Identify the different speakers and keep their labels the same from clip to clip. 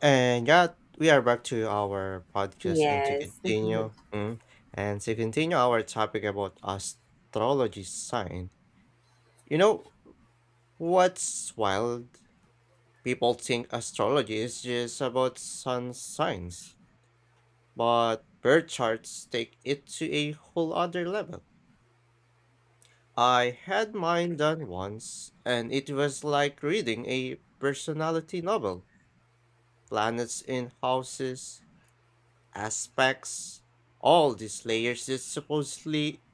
Speaker 1: And yeah, we are back to our podcast and to
Speaker 2: Yes.
Speaker 1: continue and to continue our topic about astrology sign. You know what's wild? People think astrology is just about sun signs, but birth charts take it to a whole other level. I had mine done once, and it was like reading a personality novel. Planets in houses, aspects, all these layers that supposedly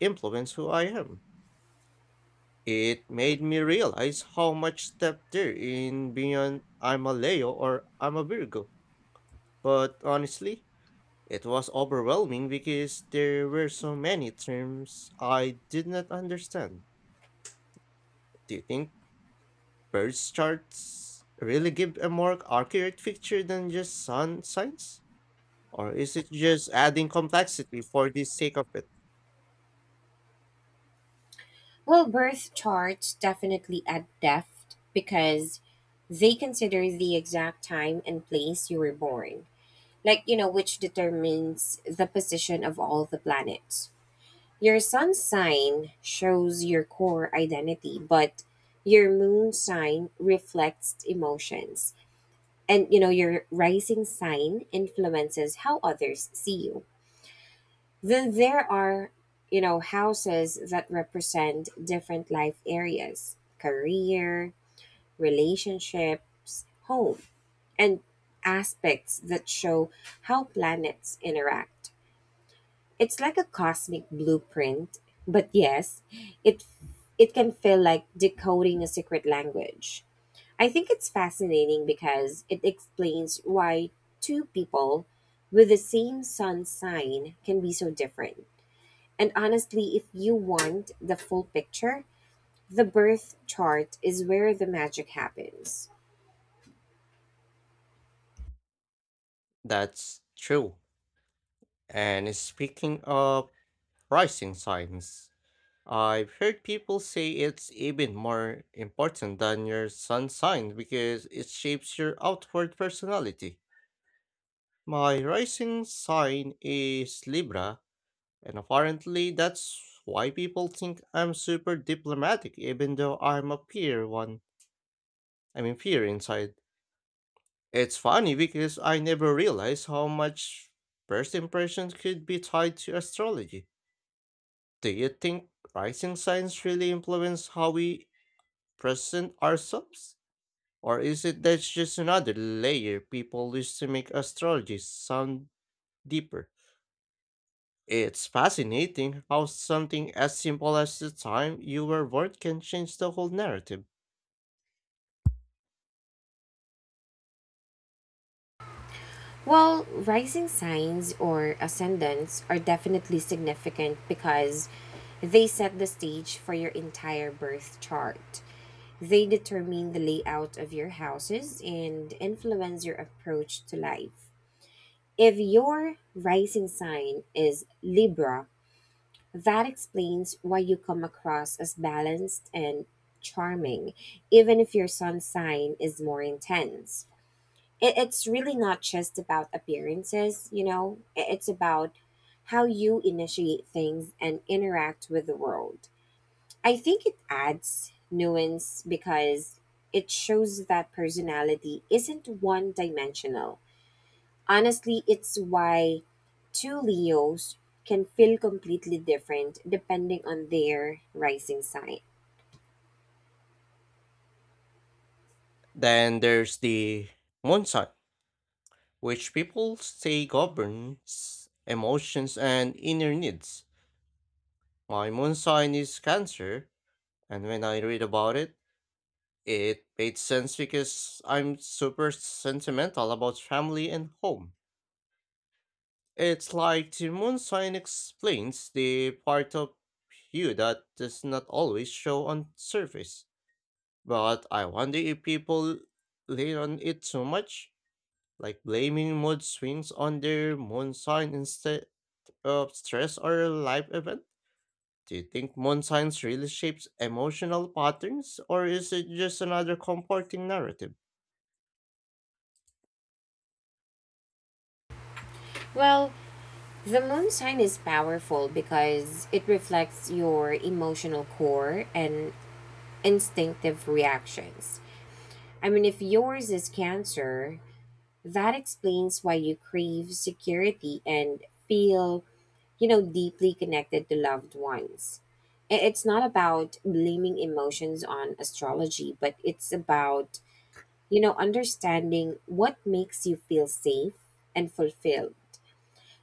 Speaker 1: influence who I am. It made me realize how much depth there in beyond I'm a Leo or I'm a Virgo. But honestly, it was overwhelming because there were so many terms I did not understand. Do you think birth charts really give a more accurate picture than just sun signs? Or is it just adding complexity for the sake of it?
Speaker 2: Well, birth charts definitely add depth because they consider the exact time and place you were born. Like, you know, which determines the position of all the planets. Your sun sign shows your core identity, but your moon sign reflects emotions. And, you know, your rising sign influences how others see you. Then there are, you know, houses that represent different life areas: career, relationships, home, and aspects that show how planets interact. It's like a cosmic blueprint, but yes, it it can feel like decoding a secret language. I think it's fascinating because it explains why two people with the same sun sign can be so different. And honestly, if you want the full picture, the birth chart is where the magic happens.
Speaker 1: That's true. And speaking of pricing signs, I've heard people say it's even more important than your sun sign because it shapes your outward personality. My rising sign is Libra, and apparently that's why people think I'm super diplomatic even though I'm a peer one. I mean peer inside. It's funny because I never realized how much first impressions could be tied to astrology. Do you think rising signs really influence how we present ourselves? Or is it that's just another layer people use to make astrology sound deeper? It's fascinating how something as simple as the time you were born can change the whole narrative.
Speaker 2: Well, rising signs or ascendants are definitely significant because they set the stage for your entire birth chart. They determine the layout of your houses and influence your approach to life. If your rising sign is Libra, that explains why you come across as balanced and charming, even if your sun sign is more intense. It's really not just about appearances, you know, it's about how you initiate things and interact with the world. I think it adds nuance because it shows that personality isn't one dimensional. Honestly, it's why two Leos can feel completely different depending on their rising sign.
Speaker 1: Then there's the moon sign, which people say governs emotions and inner needs. My moon sign is Cancer, and when I read about it, it made sense because I'm super sentimental about family and home. It's like the moon sign explains the part of you that does not always show on surface. But I wonder if people lean on it too much, like blaming mood swings on their moon sign instead of stress or life event. Do you think moon signs really shapes emotional patterns, or is it just another comforting narrative?
Speaker 2: Well, the moon sign is powerful because it reflects your emotional core and instinctive reactions. I mean, if yours is Cancer, that explains why you crave security and feel, you know, deeply connected to loved ones. It's not about blaming emotions on astrology, but it's about, you know, understanding what makes you feel safe and fulfilled.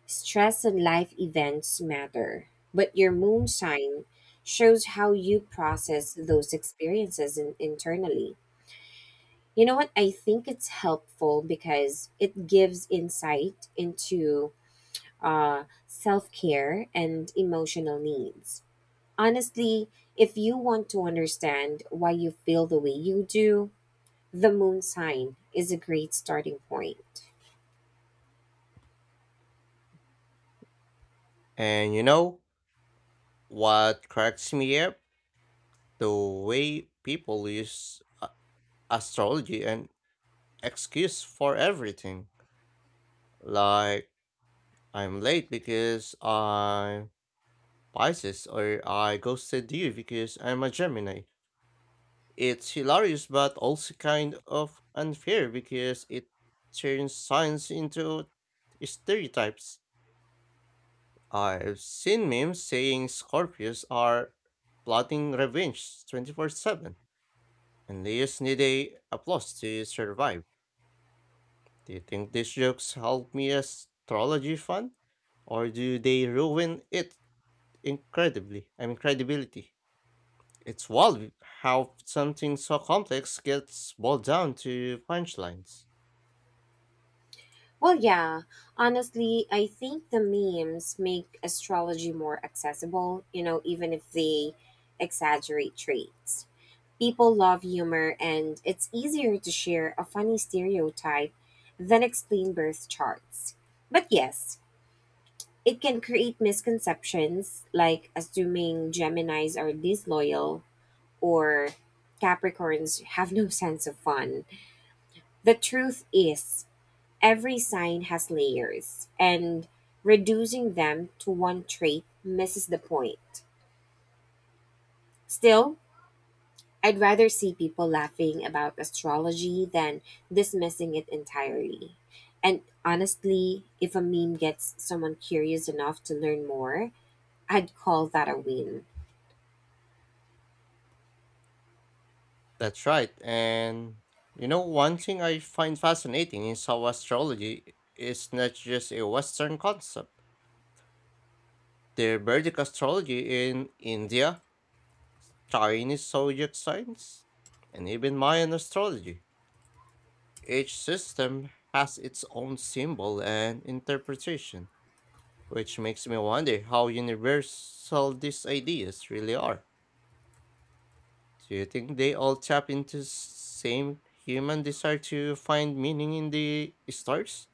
Speaker 2: Stress and life events matter, but your moon sign shows how you process those experiences internally. You know what? I think it's helpful because it gives insight into self care and emotional needs. Honestly, if you want to understand why you feel the way you do, the moon sign is a great starting point.
Speaker 1: And you know, what cracks me up? The way people use astrology and excuse for everything. Like, I'm late because I'm Pisces, or I ghosted you because I'm a Gemini. It's hilarious, but also kind of unfair because it turns science into stereotypes. I've seen memes saying Scorpios are plotting revenge 24 7 and they just need a applause to survive. Do you think these jokes help me astrology fun? Or do they ruin it incredibly? I mean credibility. It's wild how something so complex gets boiled down to punchlines.
Speaker 2: Well, yeah, honestly, I think the memes make astrology more accessible, you know, even if they exaggerate traits. People love humor, and it's easier to share a funny stereotype than explain birth charts. But yes, it can create misconceptions like assuming Geminis are disloyal or Capricorns have no sense of fun. The truth is, every sign has layers, and reducing them to one trait misses the point. Still, I'd rather see people laughing about astrology than dismissing it entirely. And honestly, if a meme gets someone curious enough to learn more, I'd call that a win.
Speaker 1: That's right, and you know one thing I find fascinating is how astrology is not just a Western concept. The Vedic astrology in India, Chinese zodiac signs, and even Mayan astrology. Each system has its own symbol and interpretation, which makes me wonder how universal these ideas really are. Do you think they all tap into same human desire to find meaning in the stars?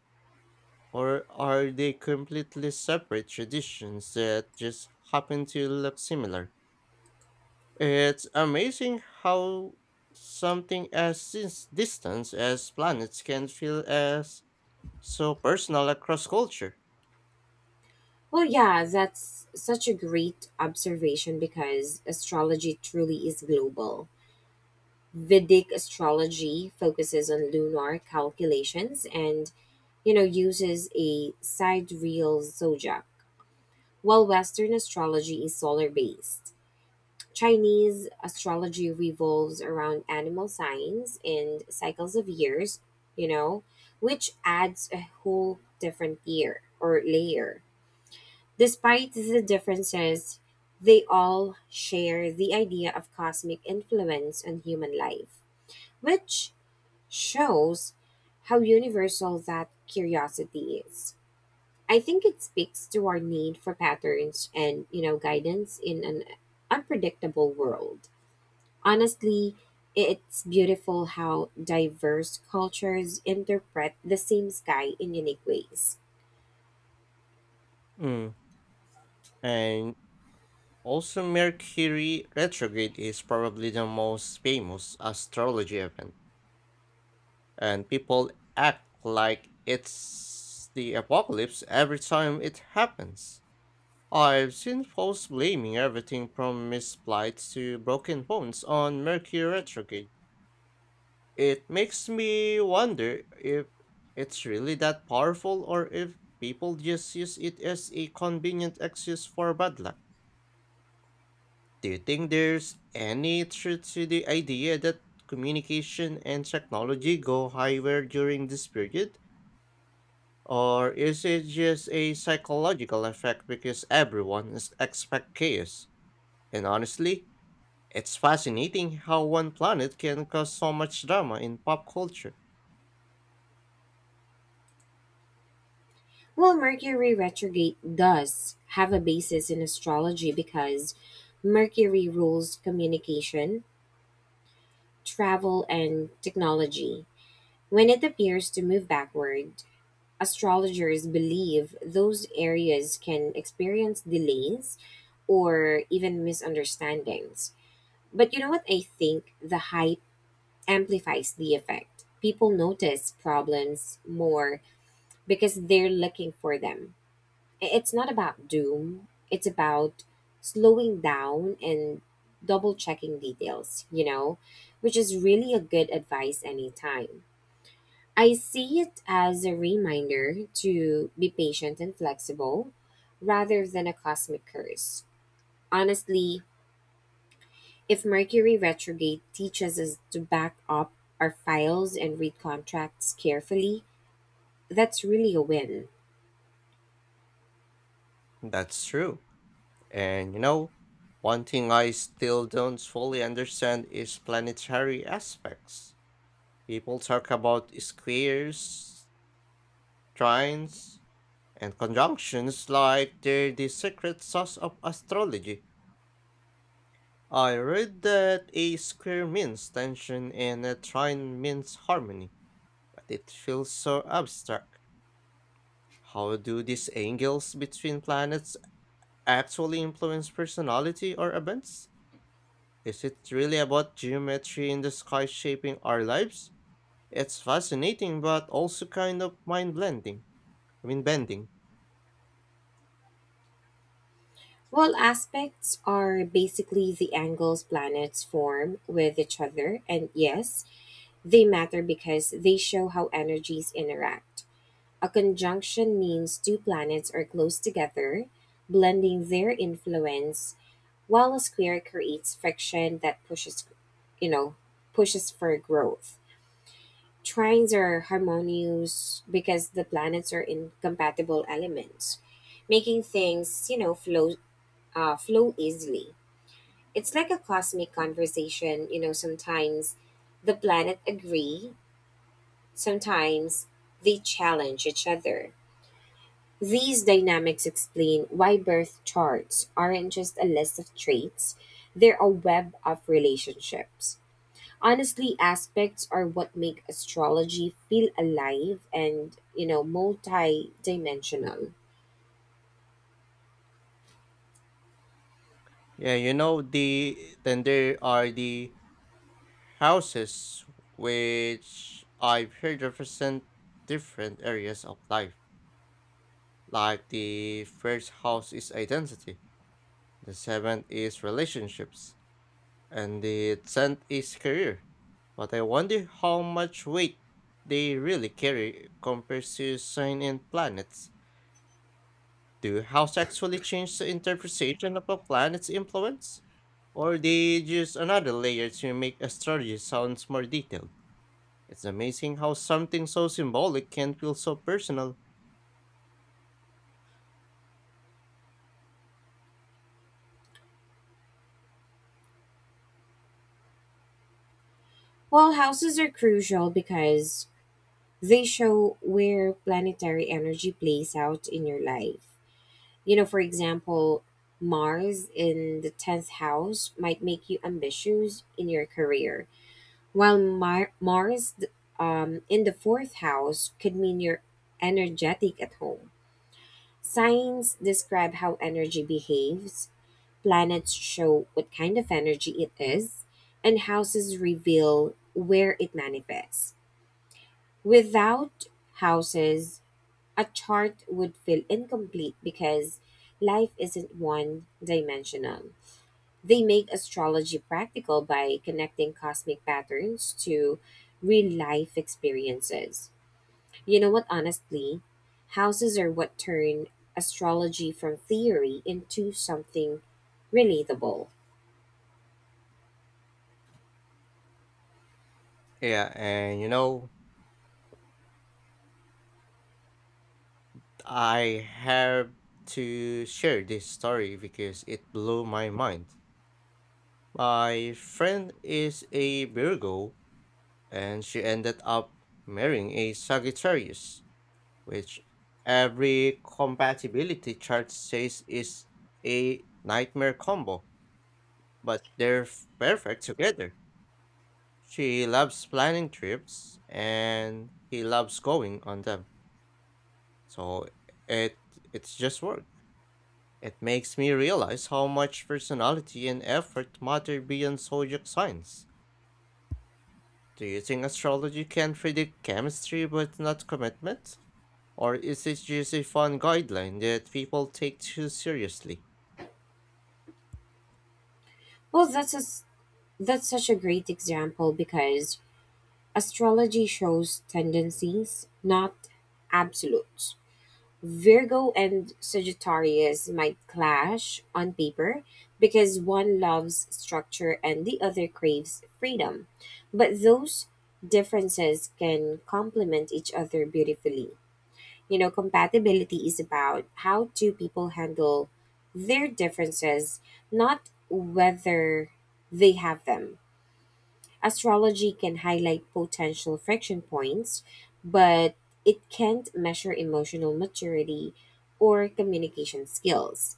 Speaker 1: Or are they completely separate traditions that just happen to look similar? It's amazing how something as distant as planets can feel as so personal across culture.
Speaker 2: Well, yeah, that's such a great observation because astrology truly is global. Vedic astrology focuses on lunar calculations and, you know, uses a sidereal zodiac, while Western astrology is solar based. Chinese astrology revolves around animal signs and cycles of years, you know, which adds a whole different year or layer. Despite the differences, they all share the idea of cosmic influence on human life, which shows how universal that curiosity is. I think it speaks to our need for patterns and, you know, guidance in an unpredictable world. Honestly, it's beautiful how diverse cultures interpret the same sky in unique ways.
Speaker 1: Mm, and also Mercury retrograde is probably the most famous astrology event, and people act like it's the apocalypse every time it happens. I've seen folks blaming everything from missed flights to broken bones on Mercury retrograde. It makes me wonder if it's really that powerful or if people just use it as a convenient excuse for bad luck. Do you think there's any truth to the idea that communication and technology go higher during this period? Or is it just a psychological effect because everyone is expect chaos? And honestly, it's fascinating how one planet can cause so much drama in pop culture.
Speaker 2: Well, Mercury retrograde does have a basis in astrology because Mercury rules communication, travel, and technology. When it appears to move backward, astrologers believe those areas can experience delays or even misunderstandings. But you know what? I think the high amplifies the effect. People notice problems more because they're looking for them. It's not about doom, it's about slowing down and double checking details, you know, which is really a good advice anytime. I see it as a reminder to be patient and flexible rather than a cosmic curse. Honestly, if Mercury retrograde teaches us to back up our files and read contracts carefully, that's really a win.
Speaker 1: That's true. And you know, one thing I still don't fully understand is planetary aspects. People talk about squares, trines, and conjunctions like they're the secret sauce of astrology. I read that a square means tension and a trine means harmony, but it feels so abstract. How do these angles between planets actually influence personality or events? Is it really about geometry in the sky shaping our lives? It's fascinating, but also kind of mind blending. I mean, bending.
Speaker 2: Well, aspects are basically the angles planets form with each other, and yes, they matter because they show how energies interact. A conjunction means two planets are close together, blending their influence, while a square creates friction that you know, pushes for growth. Trines are harmonious because the planets are in compatible elements, making things, you know, flow easily. It's like a cosmic conversation, you know, sometimes the planet agree, sometimes they challenge each other. These dynamics explain why birth charts aren't just a list of traits, they're a web of relationships. Honestly, aspects are what make astrology feel alive and, you know, multi-dimensional.
Speaker 1: Yeah, you know then there are the houses which I've heard represent different areas of life. Like the first house is identity, the seventh is relationships, and the tenth is career. But I wonder how much weight they really carry compared to sign in planets. Do house actually change the interpretation of a planet's influence? Or they just another layer to make astrology sounds more detailed? It's amazing how something so symbolic can feel so personal.
Speaker 2: Well, houses are crucial because they show where planetary energy plays out in your life. You know, for example, Mars in the 10th house might make you ambitious in your career, while Mars in the fourth house could mean you're energetic at home. Signs describe how energy behaves, planets show what kind of energy it is, and houses reveal where it manifests. Without houses, a chart would feel incomplete because life isn't one dimensional. They make astrology practical by connecting cosmic patterns to real life experiences. You know what, honestly? Houses are what turn astrology from theory into something relatable.
Speaker 1: Yeah, and you know, I have to share this story because it blew my mind. My friend is a Virgo, and she ended up marrying a Sagittarius, which every compatibility chart says is a nightmare combo, but perfect together. She loves planning trips, and he loves going on them. So it it's just work. It makes me realize how much personality and effort matter beyond zodiac signs. Do you think astrology can predict chemistry but not commitment? Or is it just a fun guideline that people take too seriously?
Speaker 2: Well, that's such a great example because astrology shows tendencies, not absolutes. Virgo and Sagittarius might clash on paper because one loves structure and the other craves freedom. But those differences can complement each other beautifully. You know, compatibility is about how two people handle their differences, not whether they have them. Astrology can highlight potential friction points, but it can't measure emotional maturity or communication skills.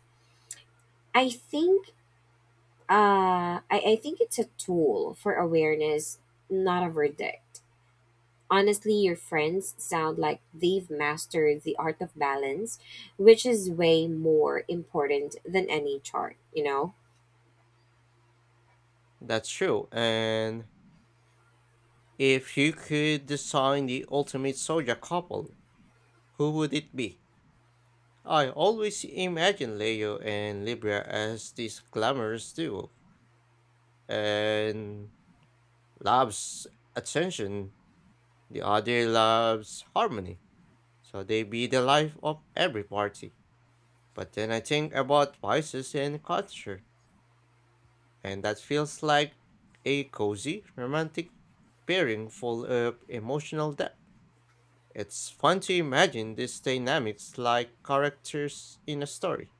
Speaker 2: I think I think it's a tool for awareness, not a verdict. Honestly, your friends sound like they've mastered the art of balance, which is way more important than any chart, you know?
Speaker 1: That's true, and if you could design the ultimate zodiac couple, who would it be? I always imagine Leo and Libra as this glamorous duo, and loves attention, the other loves harmony, so they be the life of every party. But then I think about vices and culture, and that feels like a cozy, romantic pairing full of emotional depth. It's fun to imagine these dynamics like characters in a story.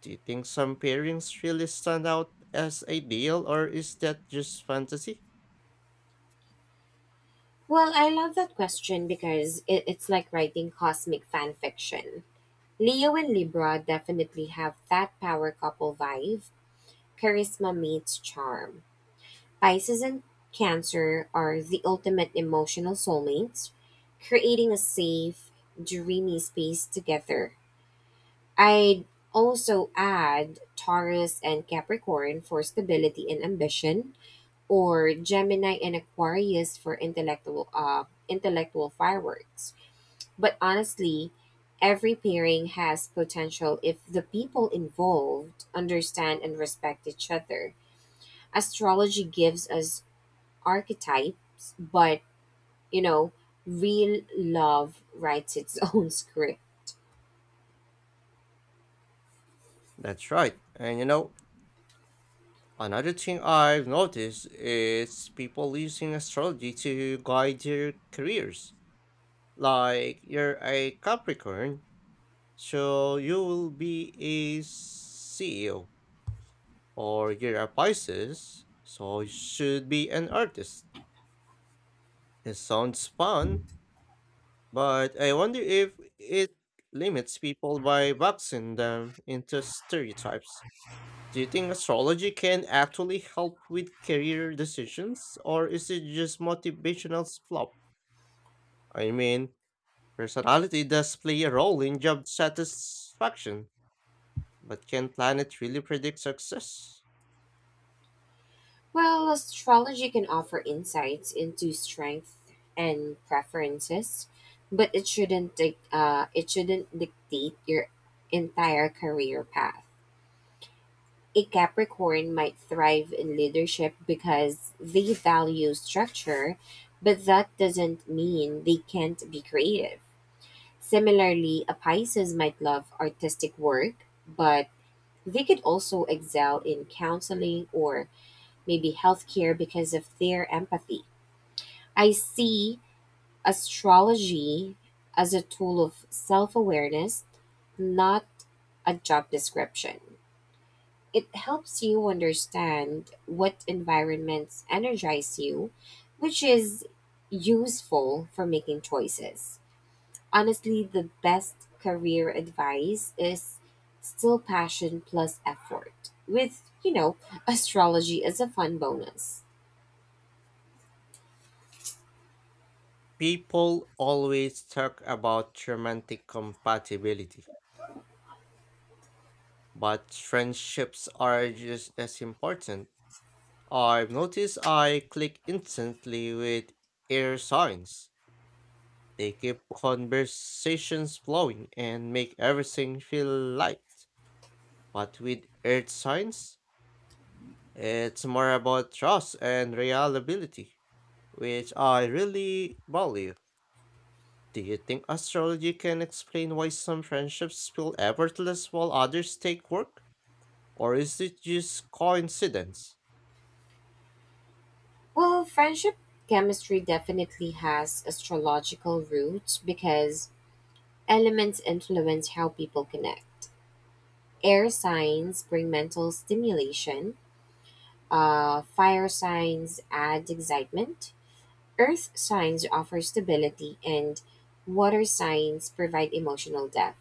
Speaker 1: Do you think some pairings really stand out as ideal, or is that just fantasy?
Speaker 2: Well, I love that question because it's like writing cosmic fan fiction. Leo and Libra definitely have that power couple vibe. Charisma meets charm. Pisces and Cancer are the ultimate emotional soulmates, creating a safe, dreamy space together. I'd also add Taurus and Capricorn for stability and ambition, or Gemini and Aquarius for intellectual fireworks. But honestly, every pairing has potential if the people involved understand and respect each other. Astrology gives us archetypes, but you know, real love writes its own script.
Speaker 1: That's right. And you know, another thing I've noticed is people using astrology to guide their careers. Like, you're a Capricorn, so you will be a CEO, or you're a Pisces, so you should be an artist. It sounds fun, but I wonder if it limits people by boxing them into stereotypes. Do you think astrology can actually help with career decisions, or is it just motivational fluff? I mean, personality does play a role in job satisfaction, but can planet really predict success?
Speaker 2: Well, astrology can offer insights into strengths and preferences, but it shouldn't dictate your entire career path. A Capricorn might thrive in leadership because they value structure, but that doesn't mean they can't be creative. Similarly, a Pisces might love artistic work, but they could also excel in counseling or maybe healthcare because of their empathy. I see astrology as a tool of self awareness, not a job description. It helps you understand what environments energize you, which is useful for making choices. Honestly, the best career advice is still passion plus effort, with, you know, astrology as a fun bonus.
Speaker 1: People always talk about romantic compatibility, but friendships are just as important. I've noticed I click instantly with air signs. They keep conversations flowing and make everything feel light. But with earth signs, it's more about trust and reliability, which I really value. Do you think astrology can explain why some friendships feel effortless while others take work? Or is it just coincidence?
Speaker 2: Well, friendship chemistry definitely has astrological roots because elements influence how people connect. Air signs bring mental stimulation, fire signs add excitement, earth signs offer stability, and water signs provide emotional depth.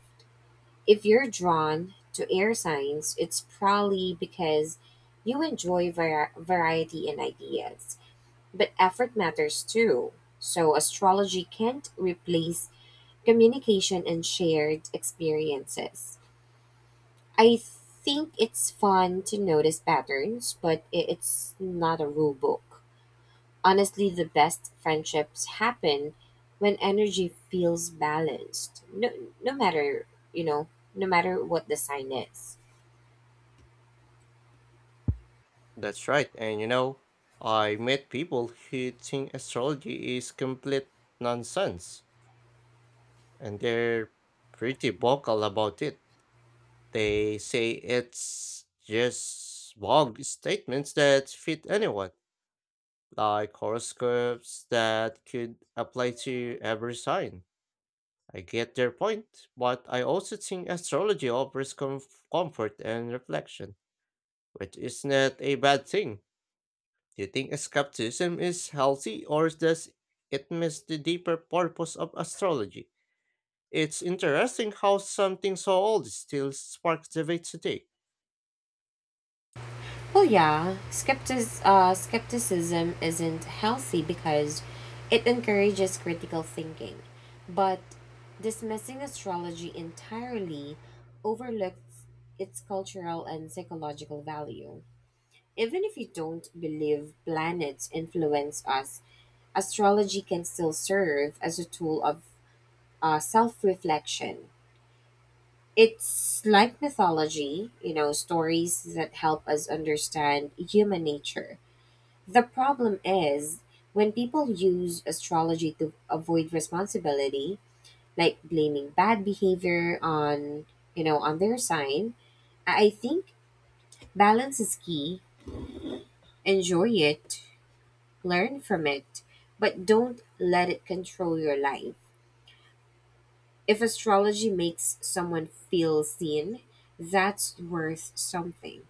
Speaker 2: If you're drawn to air signs, it's probably because you enjoy variety and ideas. But effort matters too. So, astrology can't replace communication and shared experiences. I think it's fun to notice patterns, but it's not a rule book. Honestly, the best friendships happen when energy feels balanced. No, no matter, you know, no matter what the sign is.
Speaker 1: That's right, and you know, I met people who think astrology is complete nonsense, and they're pretty vocal about it. They say it's just vague statements that fit anyone, like horoscopes that could apply to every sign. I get their point, but I also think astrology offers comfort and reflection, which is not a bad thing. Do you think skepticism is healthy or does it miss the deeper purpose of astrology? It's interesting how something so old still sparks debate today.
Speaker 2: Well, yeah, skepticism isn't healthy because it encourages critical thinking. But dismissing astrology entirely overlooks its cultural and psychological value. Even if you don't believe planets influence us, astrology can still serve as a tool of self reflection. It's like mythology, you know, stories that help us understand human nature. The problem is when people use astrology to avoid responsibility, like blaming bad behavior on, you know, on their sign. I think balance is key. Enjoy it, learn from it, but don't let it control your life. If astrology makes someone feel seen, that's worth something.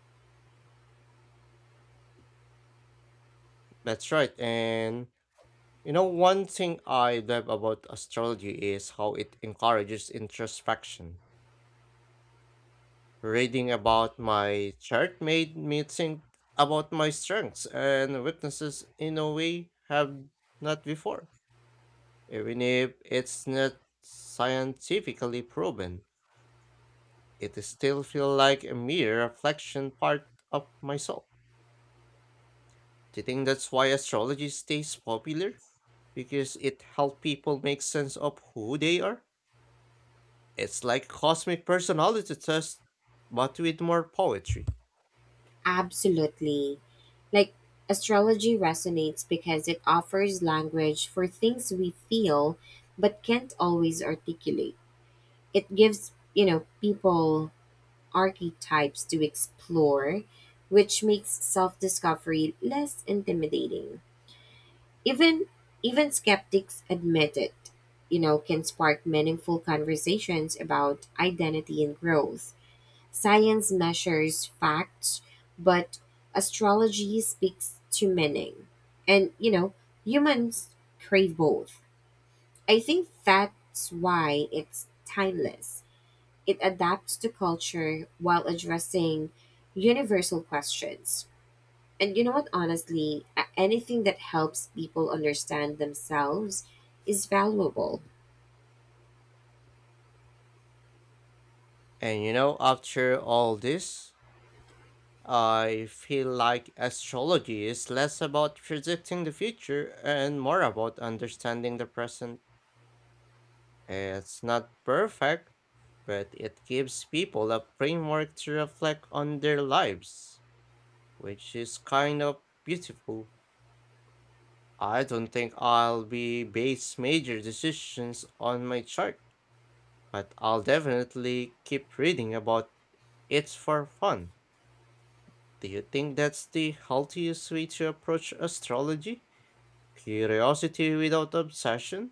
Speaker 1: That's right, and you know, one thing I love about astrology is how it encourages introspection. Reading about my chart made me think about my strengths and weaknesses in a way have not before. Even if it's not scientifically proven, it still feels like a mere reflection part of myself. Do you think that's why astrology stays popular? Because it helps people make sense of who they are? It's like cosmic personality test, but with more poetry.
Speaker 2: Absolutely. Like, astrology resonates because it offers language for things we feel but can't always articulate. It gives, you know, people archetypes to explore, which makes self discovery less intimidating. even even skeptics admit it, you know, can spark meaningful conversations about identity and growth. Science measures facts, but astrology speaks to meaning, and, you know, humans crave both. I think that's why it's timeless. It adapts to culture while addressing universal questions. And you know what, honestly, anything that helps people understand themselves is valuable.
Speaker 1: And you know, after all this, I feel like astrology is less about predicting the future and more about understanding the present. It's not perfect, but it gives people a framework to reflect on their lives, which is kind of beautiful. I don't think I'll be base major decisions on my chart, but I'll definitely keep reading about it for fun. Do you think that's the healthiest way to approach astrology? Curiosity without obsession?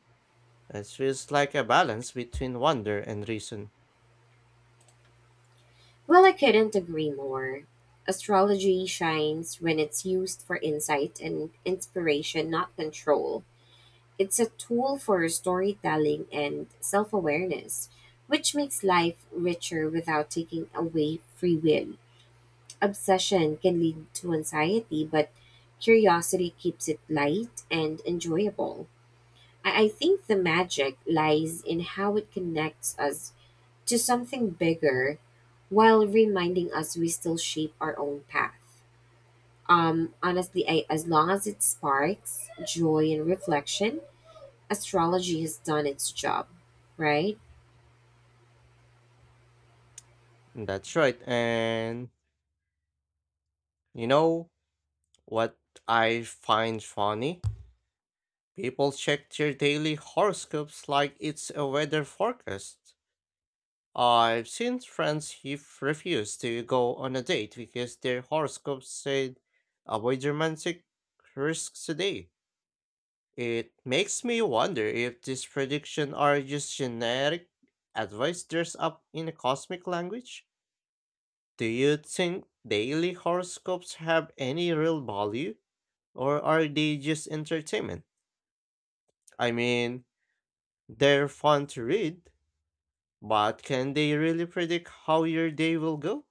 Speaker 1: It feels like a balance between wonder and reason.
Speaker 2: Well, I couldn't agree more. Astrology shines when it's used for insight and inspiration, not control. It's a tool for storytelling and self awareness, which makes life richer without taking away free will. Obsession can lead to anxiety, but curiosity keeps it light and enjoyable. I think the magic lies in how it connects us to something bigger while reminding us we still shape our own path. Honestly, I, as long as it sparks joy and reflection, astrology has done its job, right?
Speaker 1: That's right. And you know what I find funny? People check their daily horoscopes like it's a weather forecast. I've seen friends who refuse to go on a date because their horoscopes said avoid romantic risks today. It makes me wonder if these predictions are just generic advice dressed up in a cosmic language. Do you think daily horoscopes have any real value, or are they just entertainment? I mean, they're fun to read, but can they really predict how your day will go?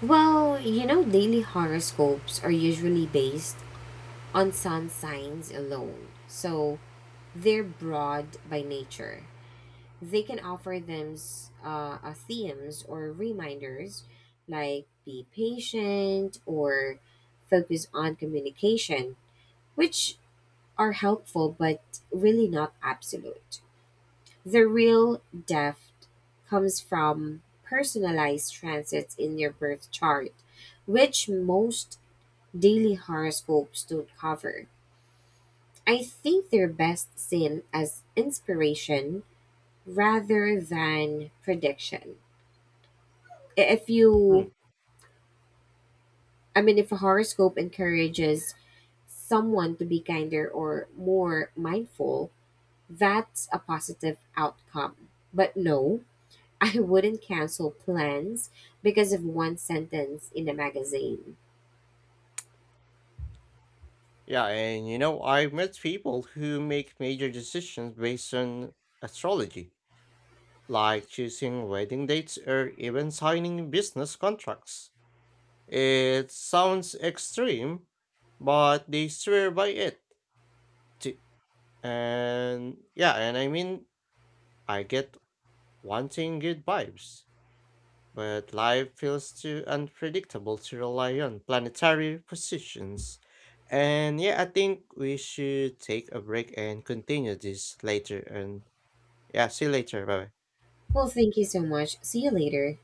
Speaker 2: Well, you know, daily horoscopes are usually based on sun signs alone. So they're broad by nature. They can offer themes or reminders like be patient or focus on communication, which are helpful but really not absolute. The real depth comes from personalized transits in your birth chart, which most daily horoscopes don't cover. I think they're best seen as inspiration rather than prediction. If
Speaker 1: Hmm.
Speaker 2: you I mean if a horoscope encourages someone to be kinder or more mindful, that's a positive outcome. But no, I wouldn't cancel plans because of one sentence in a magazine.
Speaker 1: Yeah, and you know, I've met people who make major decisions based on astrology like choosing wedding dates or even signing business contracts. It sounds extreme, but they swear by it. T- And yeah, and I mean, I get wanting good vibes, but life feels too unpredictable to rely on planetary positions. And yeah, I think we should take a break and continue this later. And yeah, see you later. Bye bye.
Speaker 2: Well, thank you so much. See you later.